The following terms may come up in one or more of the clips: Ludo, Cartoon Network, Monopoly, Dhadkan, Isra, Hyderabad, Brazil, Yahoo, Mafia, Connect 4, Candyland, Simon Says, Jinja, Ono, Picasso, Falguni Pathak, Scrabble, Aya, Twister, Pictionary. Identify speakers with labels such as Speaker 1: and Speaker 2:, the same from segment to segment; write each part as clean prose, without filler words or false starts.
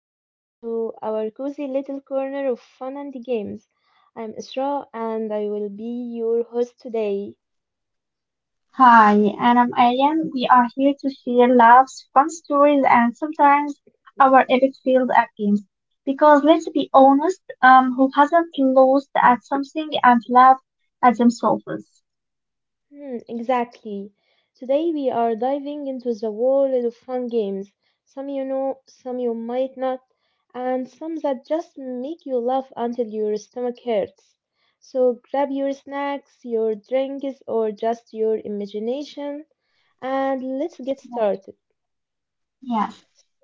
Speaker 1: welcome to our cozy little corner of fun and games. I'm Isra and I will be your host today.
Speaker 2: Hi, and I'm Arian. We are here to share laughs, fun stories, and sometimes our epic failed at games. Because let's be honest, who hasn't lost at something and laughed at themselves?
Speaker 1: Hmm, exactly. Today we are diving into the world of fun games. Some you know, some you might not, and some that just make you laugh until your stomach hurts. So grab your snacks, your drinks, or just your imagination, and let's get started.
Speaker 2: Yeah.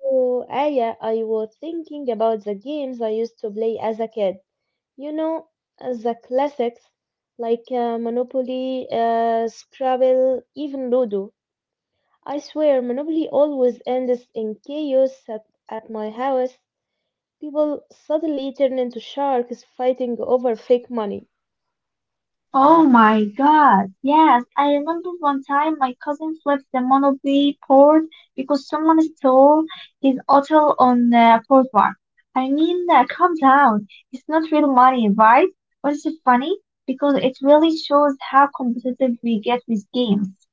Speaker 1: So, Aya, I was thinking about the games I used to play as a kid. You know, as the classics like Monopoly, Scrabble, even Ludo. I swear, Monopoly always ends in chaos at my house. People suddenly turn into sharks fighting over fake money.
Speaker 2: Oh my God. Yes, I remember one time my cousin flipped the Monopoly board because someone stole his hotel on the Boardwalk. I mean, calm down. It's not real money, right? But it's funny because it really shows how competitive we get with games.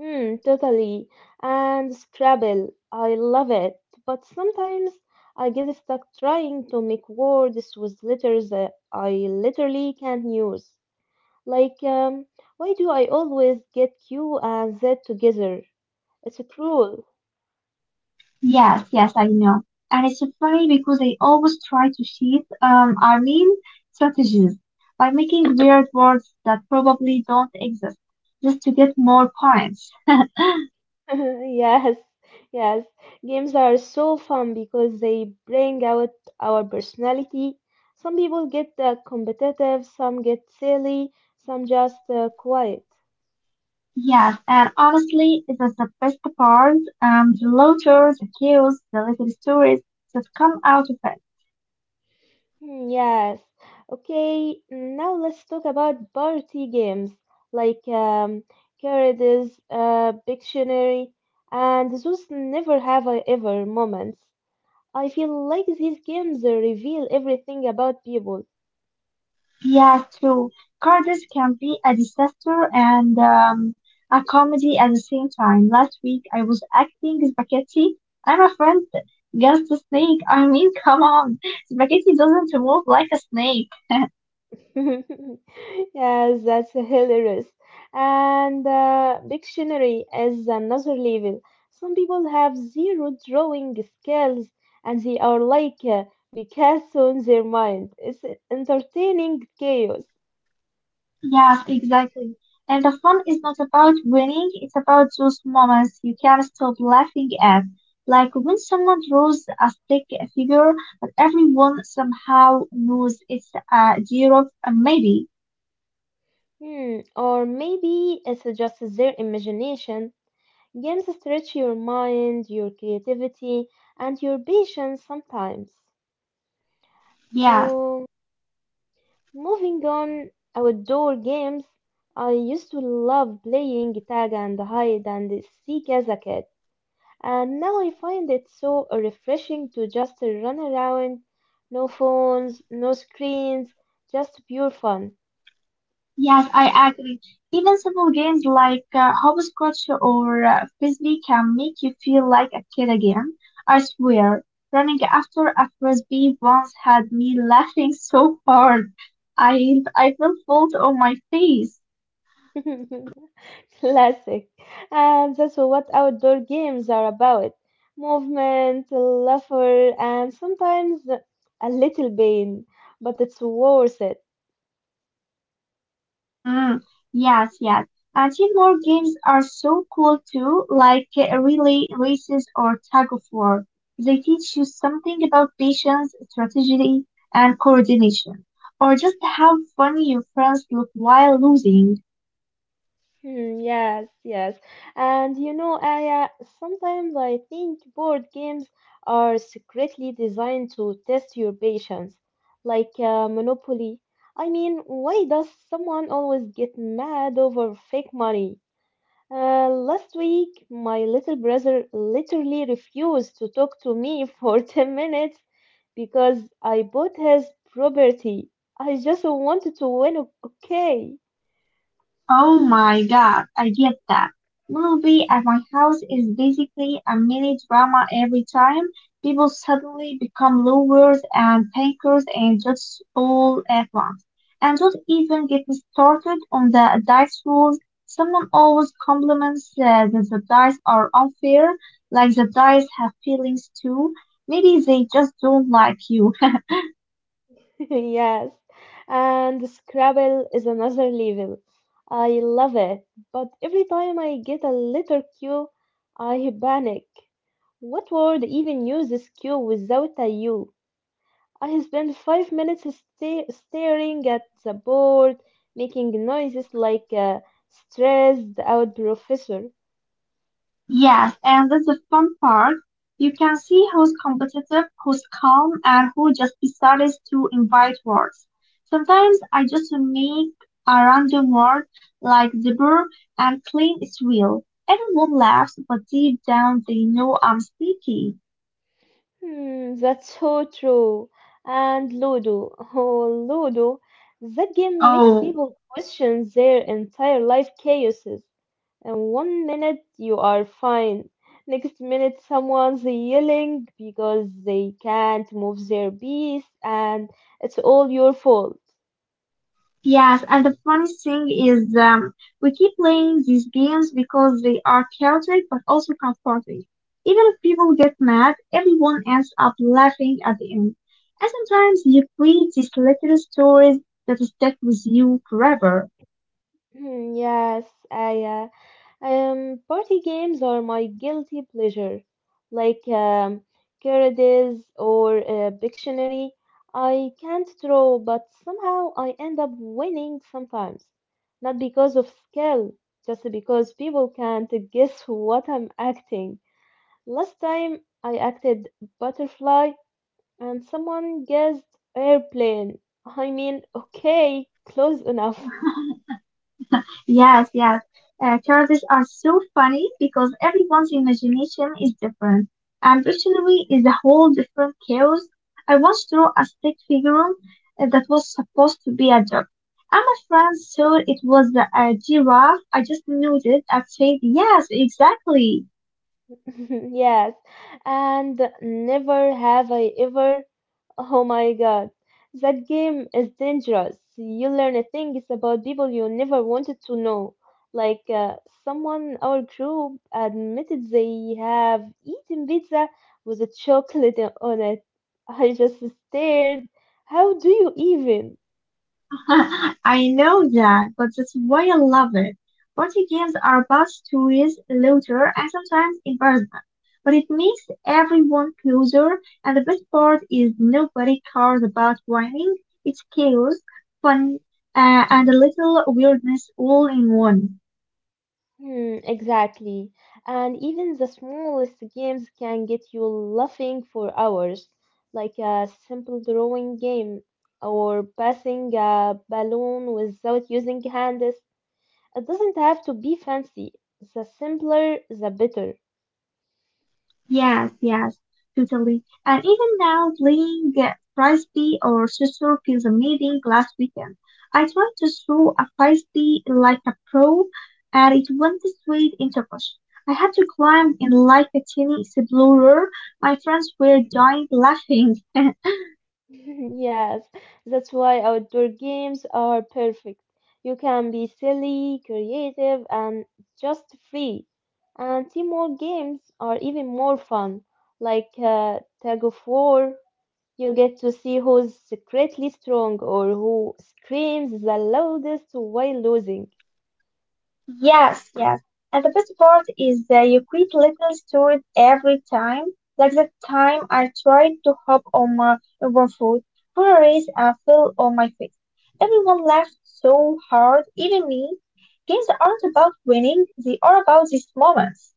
Speaker 1: Hmm, totally. And Scrabble, I love it, but sometimes I get stuck trying to make words with letters that I literally can't use. Like, why do I always get Q and Z together? It's cruel.
Speaker 2: Yes, yes, I know. And it's funny because they always try to cheat, I mean, strategies by making weird words that probably don't exist just to get more points.
Speaker 1: Yes, yes. Games are so fun because they bring out our personality. Some people get competitive, some get silly, some just quiet.
Speaker 2: Yes, and honestly, that's the best part. The letters, the cues, the little stories that come out of it.
Speaker 1: Hmm, yes. Okay, now let's talk about party games like Carades, Pictionary, and those never have I ever moments. I feel like these games reveal everything about people.
Speaker 2: Yes, true. Cardiff can be a disaster and a comedy at the same time. Last week, I was acting spaghetti. I'm a friend, just a snake. I mean, come on, spaghetti doesn't move like a snake.
Speaker 1: Yes, that's hilarious. And dictionary is another level. Some people have zero drawing skills and they are like Picasso in their mind. It's entertaining chaos.
Speaker 2: Yes, exactly. And the fun is not about winning, it's about those moments you can't stop laughing at. Like when someone draws a stick figure, but everyone somehow knows it's a giraffe, maybe.
Speaker 1: Hmm, or maybe it's just their imagination. Games stretch your mind, your creativity, and your patience sometimes.
Speaker 2: Yeah.
Speaker 1: Oh. Moving on outdoor games, I used to love playing tag and hide and seek as a kid, and now I find it so refreshing to just run around, no phones, no screens, just pure fun.
Speaker 2: Yes, I agree. Even simple games like hopscotch or frisbee can make you feel like a kid again. I swear, running after a frisbee once had me laughing so hard, I felt fault on my face.
Speaker 1: Classic. And that's what outdoor games are about. Movement, laughter, and sometimes a little pain, but it's worth it.
Speaker 2: Mm, yes, yes. Teamwork games are so cool too, like relay races or tug of war. They teach you something about patience, strategy, and coordination, or just how funny your friends look while losing.
Speaker 1: Hmm, yes, yes. And you know, Aya, sometimes I think board games are secretly designed to test your patience, like Monopoly. I mean, why does someone always get mad over fake money? Last week, my little brother literally refused to talk to me for 10 minutes because I bought his property. I just wanted to win, okay?
Speaker 2: Oh my god, I get that. Movie at my house is basically a mini drama every time. People suddenly become lovers and thinkers and just all at once. And don't even get me started on the dice rules. Someone always compliments that the dice are unfair, like the dice have feelings too. Maybe they just don't like you.
Speaker 1: Yes, and Scrabble is another level. I love it, but every time I get a letter Q, I panic. What word even uses Q without a U? I spend 5 minutes staring at the board, making noises like a stressed out professor.
Speaker 2: Yes, and that's the fun part. You can see who's competitive, who's calm, and who just decides to invite words. Sometimes I just make a random word like zebra and claim it's real. Everyone laughs, but deep down they know I'm sneaky.
Speaker 1: Hmm, that's so true. And Ludo, oh Ludo, that game makes
Speaker 2: Oh,
Speaker 1: people question their entire life chaoses. And one minute you are fine, next minute someone's yelling because they can't move their piece, and it's all your fault.
Speaker 2: yes, and the funny thing is, we keep playing these games because they are chaotic but also comforting. Even if people get mad, everyone ends up laughing at the end. And sometimes you create these little stories that stick with you forever.
Speaker 1: Hmm, yes, I party games are my guilty pleasure, like Carades or Pictionary. I can't draw, but somehow I end up winning sometimes. Not because of skill, just because people can't guess what I'm acting. Last time I acted butterfly, and someone guessed airplane. I mean, okay, close enough.
Speaker 2: Yes, yes. Characters are so funny because everyone's imagination is different. And dictionary is a whole different chaos. I once drew a stick figure that was supposed to be a dog. And my friends saw it was a giraffe. I just nodded and said, yes, exactly.
Speaker 1: Yes, and never have I ever. Oh my God, that game is dangerous. You learn things about people you never wanted to know. Like someone our group admitted they have eaten pizza with a chocolate on it. I just stared. How do you even?
Speaker 2: I know that, but that's why I love it. Party games are about stories, laughter, and sometimes embarrassment. But it makes everyone closer, and the best part is nobody cares about rhyming. It's chaos, fun, and a little weirdness all in one.
Speaker 1: Hmm, exactly. And even the smallest games can get you laughing for hours, like a simple drawing game or passing a balloon without using hands. It doesn't have to be fancy. The simpler, the better.
Speaker 2: Yes, yes, totally. And even now, playing frisbee or scissor feels amazing. Last weekend, I tried to throw a frisbee like a pro, and it went straight into a bush. I had to climb in like a tiny explorer. My friends were dying laughing.
Speaker 1: Yes, that's why outdoor games are perfect. You can be silly, creative, and just free. And teamwork games are even more fun, like tug of war. You get to see who's secretly strong or who screams the loudest while losing.
Speaker 2: Yes, yes. And the best part is the you quit little stories every time. Like that time I tried to hop on my urban food for a race and fell on my face. Everyone laughed so hard, even me. Games aren't about winning, they are about these moments.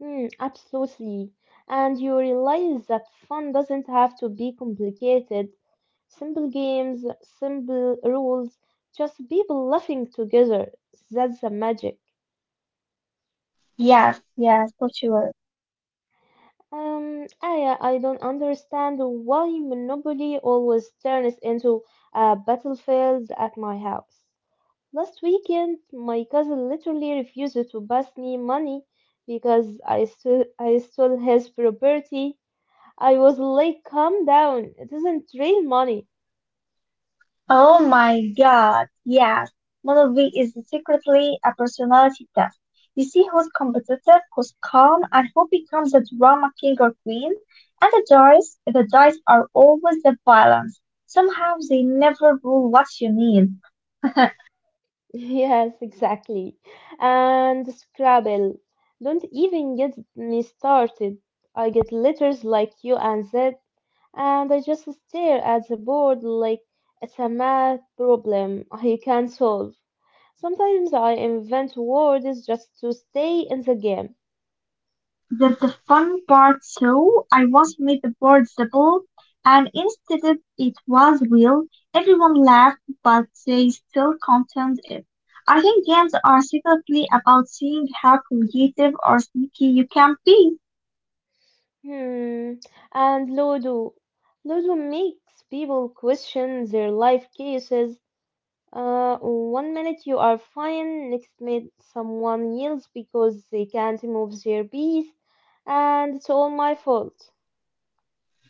Speaker 1: Hmm, absolutely. And you realize that fun doesn't have to be complicated. Simple games, simple rules, just people laughing together. That's the magic.
Speaker 2: Yes, yes, for sure.
Speaker 1: I don't understand why Monopoly always turns into a battlefield at my house. Last weekend, my cousin literally refused to pass me money because I stole his property. I was like, calm down. It isn't real money.
Speaker 2: Oh my god, yes. Monobee is secretly a personality test. You see who's competitive, who's calm, and who becomes the drama king or queen. And the dice are always the balance. Somehow they never rule what you need.
Speaker 1: Yes, exactly. And Scrabble. Don't even get me started. I get letters like U and Z, and I just stare at the board like it's a math problem I can't solve. Sometimes I invent words just to stay in the game.
Speaker 2: That's the fun part, so I once made the board double and instead it was real. Everyone laughed but they still contained it. I think games are secretly about seeing how creative or sneaky you can be.
Speaker 1: Hmm. And Ludo. Ludo makes people question their life cases. One minute you are fine, next minute someone yells because they can't move their bees, and it's all my fault.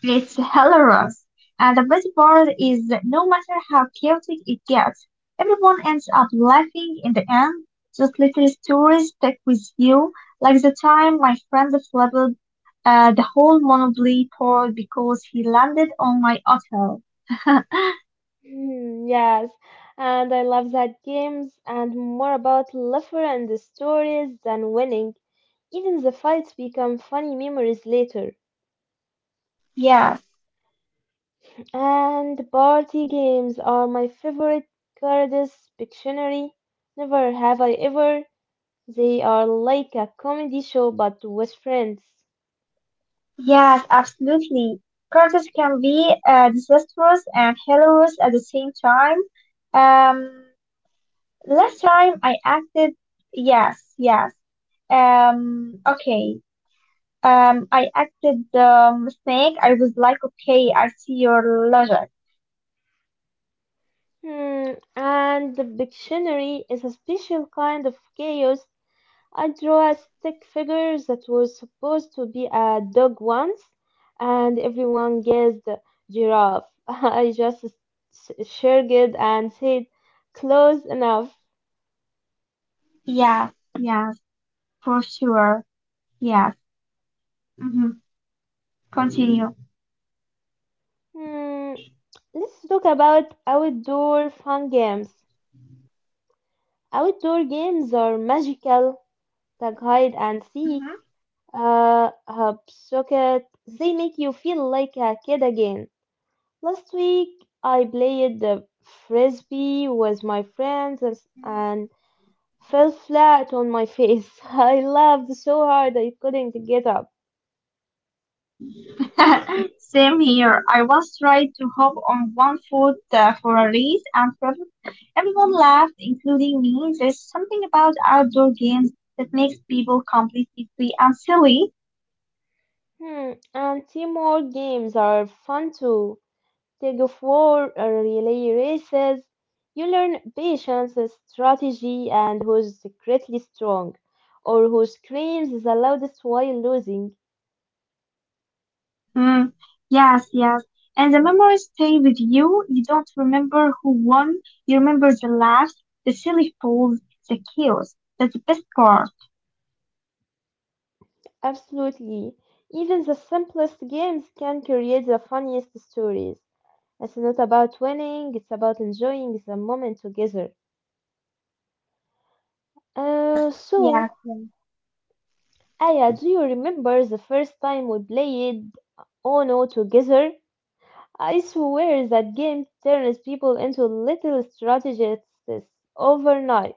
Speaker 2: It's hilarious. And the best part is that no matter how chaotic it gets, everyone ends up laughing in the end. Those little stories stick with you, like the time my friend flipped the whole Monopoly board because he landed on my auto.
Speaker 1: Hmm, yes, and I love that games and more about laughter and the stories than winning. Even the fights become funny memories later.
Speaker 2: Yes,
Speaker 1: And party games are my favorite. Cards, Pictionary, never have I ever. They are like a comedy show but with friends.
Speaker 2: yes, absolutely. Curses can be disastrous and hilarious at the same time. Um, Last time I acted, yes, yes. Okay. I acted Snake. I was like, okay, I see your logic.
Speaker 1: Hmm, and the dictionary is a special kind of chaos. I drew a stick figure that was supposed to be a dog once, and everyone guessed giraffe. I just shrugged and said, close enough.
Speaker 2: Yes, yes, for sure. Yes. Mm-hmm. Continue.
Speaker 1: Hmm, let's talk about outdoor fun games. Outdoor games are magical, tag hide and seek,
Speaker 2: Hmm.
Speaker 1: hopscotch. They make you feel like a kid again. Last week I played the frisbee with my friends and fell flat on my face. I laughed so hard I couldn't get up.
Speaker 2: Same here. I once tried to hop on one foot for a race, and everyone laughed, including me. There's something about outdoor games that makes people completely free and silly.
Speaker 1: Hmm, and teamwork games are fun too. Tug of war, relay races. You learn patience, strategy, and who's secretly strong, or who screams the loudest while losing.
Speaker 2: Mm, yes, yes. And the memories stay with you. You don't remember who won. You remember the laughs, the silly falls, the chaos. That's the best part.
Speaker 1: Absolutely. Even the simplest games can create the funniest stories. It's not about winning, it's about enjoying the moment together.
Speaker 2: Yes,
Speaker 1: So,
Speaker 2: yes.
Speaker 1: Aya, do you remember the first time we played Ono together? I swear that game turns people into little strategists overnight.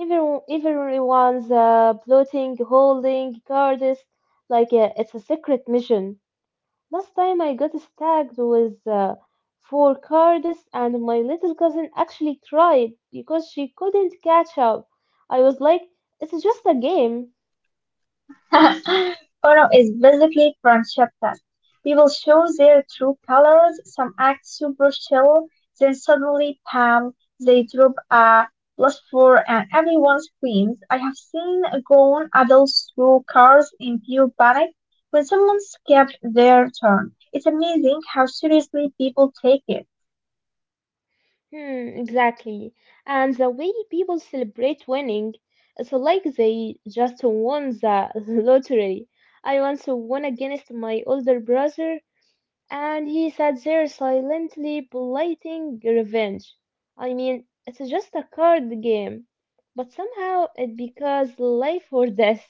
Speaker 1: Everyone's plotting, holding cards, like it's a secret mission. Last time I got stabbed with four cards, and my little cousin actually cried because she couldn't catch up. I was like, it's just a game.
Speaker 2: Ono is basically transsheptal. People show their true colors, some act super chill, then suddenly, bam, they drop a plus four and everyone screams. I have seen grown adults throw cars in pure panic when someone skipped their turn. It's amazing how seriously people take it.
Speaker 1: Hmm, exactly. And the way people celebrate winning, it's like they just won the lottery. I once won against my older brother, and he sat there silently plotting revenge. I mean, it's just a card game, but somehow it becomes life or death.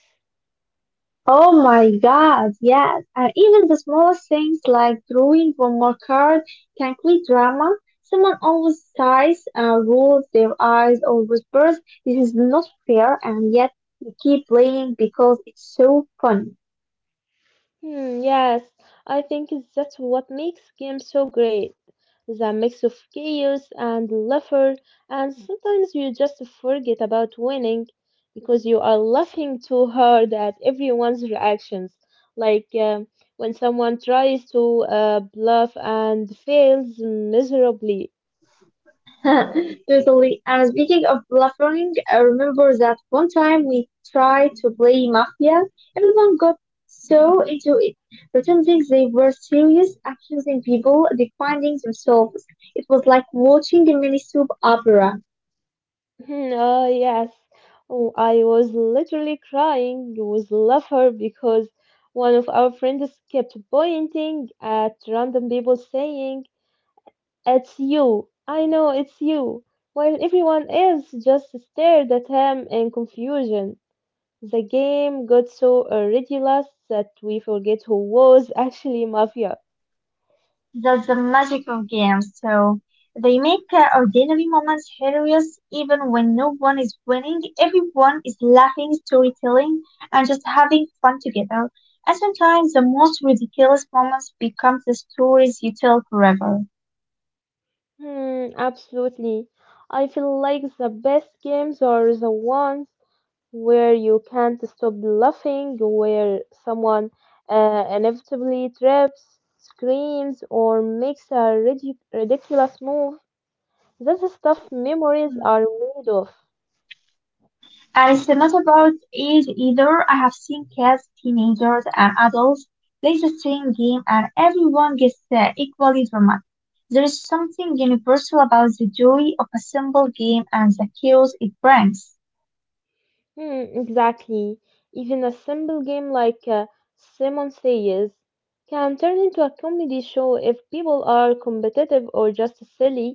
Speaker 2: Oh my God, yes. And even the smallest things like drawing one more card can create drama. Someone always sighs, rolls their eyes, or whispers, this is not fair, and yet you keep playing because it's so fun.
Speaker 1: Hmm, yes, I think that's what makes games so great. The mix of chaos and laughter, and sometimes you just forget about winning because you are laughing too hard at everyone's reactions. Like when someone tries to bluff and fails miserably.
Speaker 2: Totally. And speaking of bluffing, I remember that one time we tried to play mafia. Everyone got so into it, pretending they were serious, accusing people, defending themselves. It was like watching a mini soap opera.
Speaker 1: Hmm, yes. Oh, I was literally crying. It was laughter because one of our friends kept pointing at random people saying, it's you. I know it's you. While everyone else just stared at him in confusion. The game got so ridiculous that we forget who was actually Mafia.
Speaker 2: That's the magic of games. So they make ordinary moments hilarious even when no one is winning. Everyone is laughing, storytelling, and just having fun together. And sometimes the most ridiculous moments become the stories you tell forever.
Speaker 1: Hmm, absolutely. I feel like the best games are the ones where you can't stop laughing, where someone inevitably trips, screams, or makes a ridiculous move. That's the stuff memories are made of.
Speaker 2: And it's not about age either. I have seen kids, teenagers, and adults play the same game, and everyone gets equally dramatic. There is something universal about the joy of a simple game and the chaos it brings.
Speaker 1: Hmm, exactly. Even a simple game like Simon Says can turn into a comedy show if people are competitive or just silly.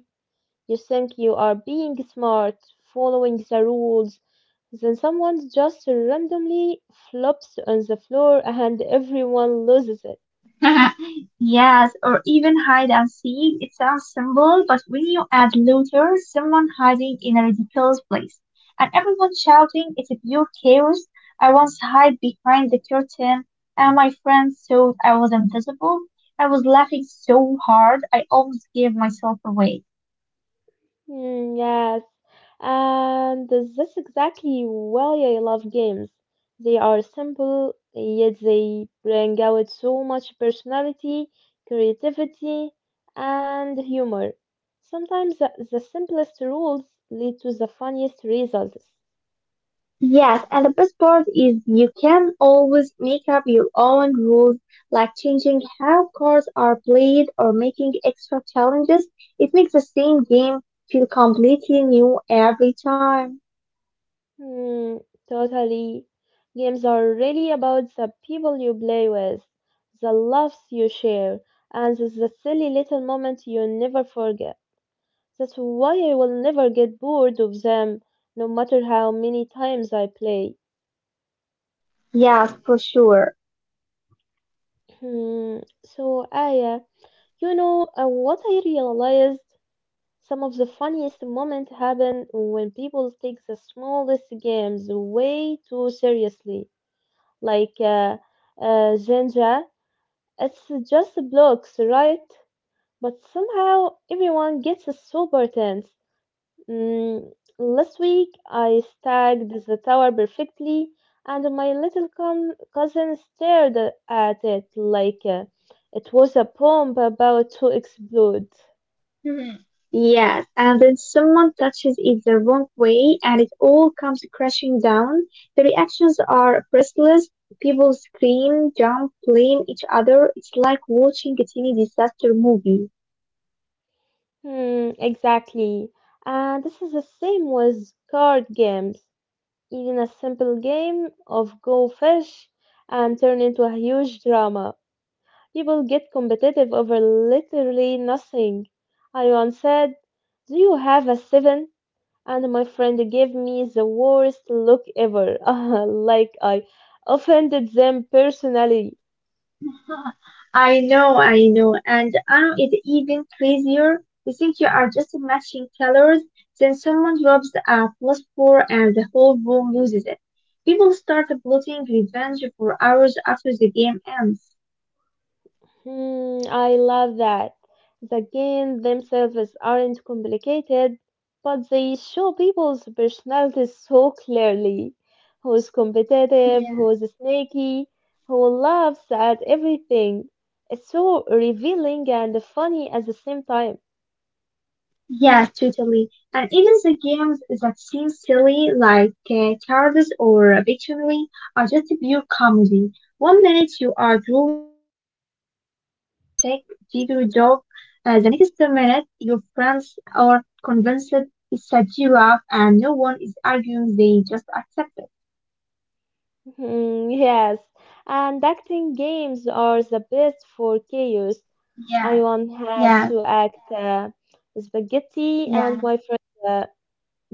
Speaker 1: You think you are being smart, following the rules, then someone just randomly flops on the floor and everyone loses it.
Speaker 2: Yes, or even hide and seek. It sounds simple, but when you add looter, someone hiding in a ridiculous place, and everyone shouting, it's a pure chaos. I once hid behind the curtain, and my friends thought I was invisible. I was laughing so hard, I almost gave myself away.
Speaker 1: Mm, yes, and that's exactly why I love games. They are simple, yet they bring out so much personality, creativity, and humor. Sometimes the simplest rules lead to the funniest results.
Speaker 2: Yes, and the best part is you can always make up your own rules, like changing how cards are played or making extra challenges. It makes the same game feel completely new every time.
Speaker 1: Hmm, totally. Games are really about the people you play with, the laughs you share, and the silly little moments you never forget. That's why I will never get bored of them, no matter how many times I play.
Speaker 2: Yes, for sure.
Speaker 1: Hmm, so, Aya, you know what I realized? Some of the funniest moments happen when people take the smallest games way too seriously. Like, Jinja. It's just blocks, right? But somehow everyone gets super tense. Mm, Last week I stacked the tower perfectly, and my little cousin stared at it like it was a bomb about to explode.
Speaker 2: Mhm. Yes, and then someone touches it the wrong way and it all comes crashing down. The reactions are priceless. People scream, jump, blame each other. It's like watching a teeny disaster movie.
Speaker 1: Hmm, exactly. And this is the same with card games. Even a simple game of go fish and turn into a huge drama. People get competitive over literally nothing. I once said, do you have a seven? And my friend gave me the worst look ever, like I offended them personally.
Speaker 2: I know, and now it's even crazier. You think you are just matching colors, then someone drops a plus four and the whole room loses it. People start plotting revenge for hours after the game ends.
Speaker 1: Hmm, I love that. The games themselves aren't complicated, but they show people's personalities so clearly. Who's competitive, who's sneaky, who laughs at everything. It's so revealing and funny at the same time.
Speaker 2: Yeah, totally. And even the games that seem silly, like cards or Pictionary, are just pure comedy. One minute you are drawing a stick figure dog, the next minute your friends are convinced it's a giraffe, and no one is arguing; they just accept it.
Speaker 1: Hmm, yes, and acting games are the best for chaos. I
Speaker 2: Yeah,
Speaker 1: once had
Speaker 2: yeah,
Speaker 1: to act spaghetti, and
Speaker 2: yeah.
Speaker 1: my friend. Uh,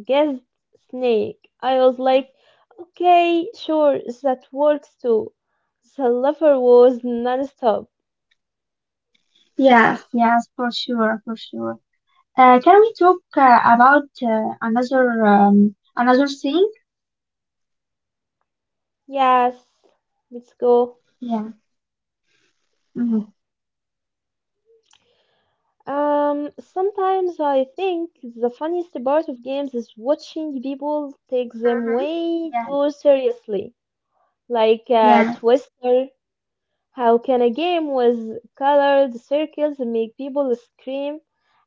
Speaker 1: Guessed snake. I was like, okay, sure, that works too. The lover was non-stop.
Speaker 2: Yes, yes, for sure, for sure. Can we talk about another thing?
Speaker 1: Yes, let's go.
Speaker 2: Yeah. Mhm.
Speaker 1: Sometimes I think the funniest part of games is watching people take them
Speaker 2: Mm-hmm.
Speaker 1: way
Speaker 2: Yeah.
Speaker 1: too seriously. Like
Speaker 2: Yeah.
Speaker 1: Twister, how can a game with colored circles make people scream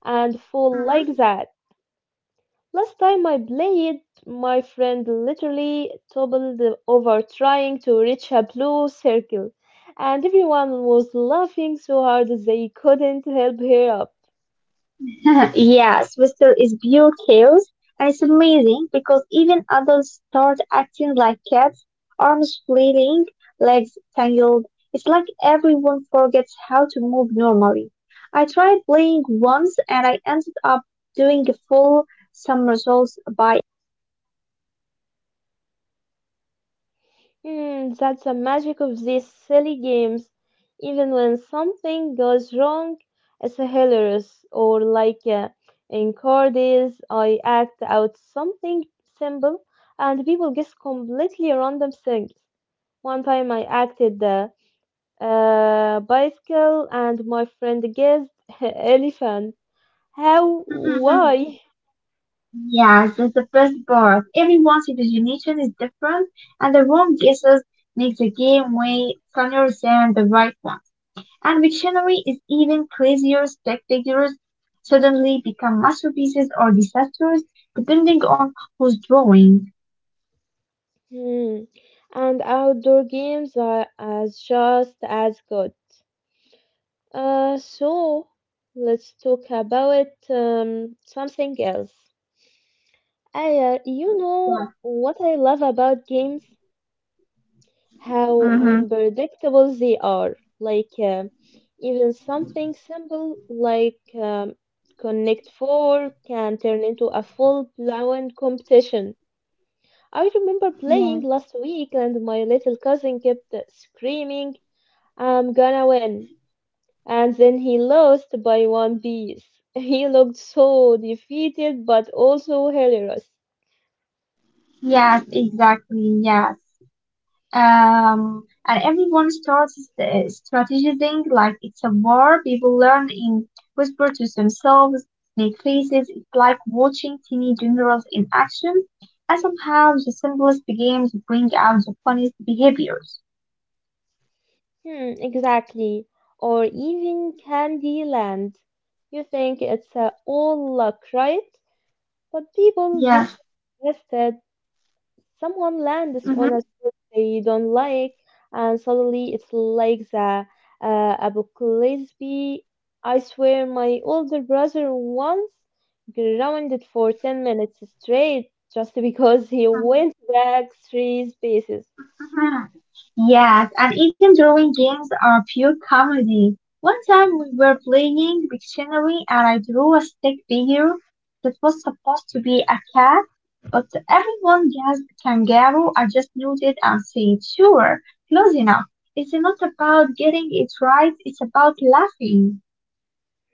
Speaker 1: and fall like
Speaker 2: Mm-hmm.
Speaker 1: that? Last time I played, my friend literally toppled over trying to reach a blue circle, and everyone was laughing so hard they couldn't help her up.
Speaker 2: Yes, Whistle is pure chaos, and it's amazing because even adults start acting like cats, arms flailing, legs tangled. It's like everyone forgets how to move normally. I tried playing once and I ended up doing a full somersault by
Speaker 1: Hmm, that's the magic of these silly games. Even when something goes wrong, it's hilarious. Or like in Cardi's, I act out something simple, and people guess completely random things. One time I acted the bicycle, and my friend guessed elephant. How? Why?
Speaker 2: Yes, it's the first part. Everyone's imagination is different, and the wrong guesses make the game way funnier than the right one. And Wiktionary is even crazier. Spectators suddenly become masterpieces or disasters, depending on who's drawing.
Speaker 1: Hmm. And outdoor games are as just as good. So let's talk about something else. You
Speaker 2: Yeah.
Speaker 1: know what I love about games? How
Speaker 2: Mm-hmm.
Speaker 1: unpredictable they are. Like even something simple like Connect 4 can turn into a full-blown competition. I remember
Speaker 2: Yeah.
Speaker 1: playing last week and my little cousin kept screaming, I'm gonna win. And then he lost by one piece. He looked so defeated but also hilarious.
Speaker 2: Yes, exactly. Yes. And everyone starts strategizing like it's a war. People learn in whisper to themselves, make faces. It's like watching teeny generals in action, and somehow the simplest games bring out the funniest behaviors.
Speaker 1: Hmm, exactly. Or even Candyland. You think it's all luck, right? But people get
Speaker 2: Yes.
Speaker 1: so invested. Someone lands on
Speaker 2: Mm-hmm.
Speaker 1: a spot they don't like, and suddenly it's like the Abu Gillespie. I swear, my older brother once grounded for 10 minutes straight just because he went back three spaces.
Speaker 2: Yes, and even drawing games are pure comedy. One time we were playing Pictionary and I drew a stick figure that was supposed to be a cat, but everyone guessed kangaroo. I just nodded and said, sure, close enough. It's not about getting it right, it's about laughing.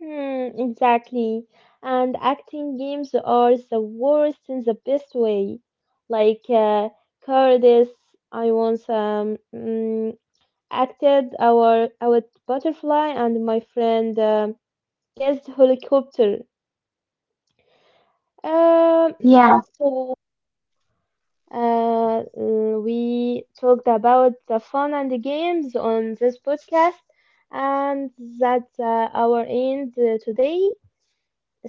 Speaker 1: Hmm, exactly. And acting games are the worst in the best way. Like Curtis, I once acted our butterfly, and my friend guessed helicopter. Um,
Speaker 2: Yeah.
Speaker 1: so, we talked about the fun and the games on this podcast, and that's our end today.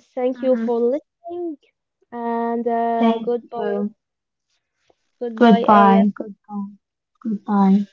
Speaker 1: Thank you
Speaker 2: Hmm.
Speaker 1: for listening. And
Speaker 2: Thank
Speaker 1: goodbye,
Speaker 2: you.
Speaker 1: goodbye, Aya.
Speaker 2: Goodbye, goodbye, goodbye.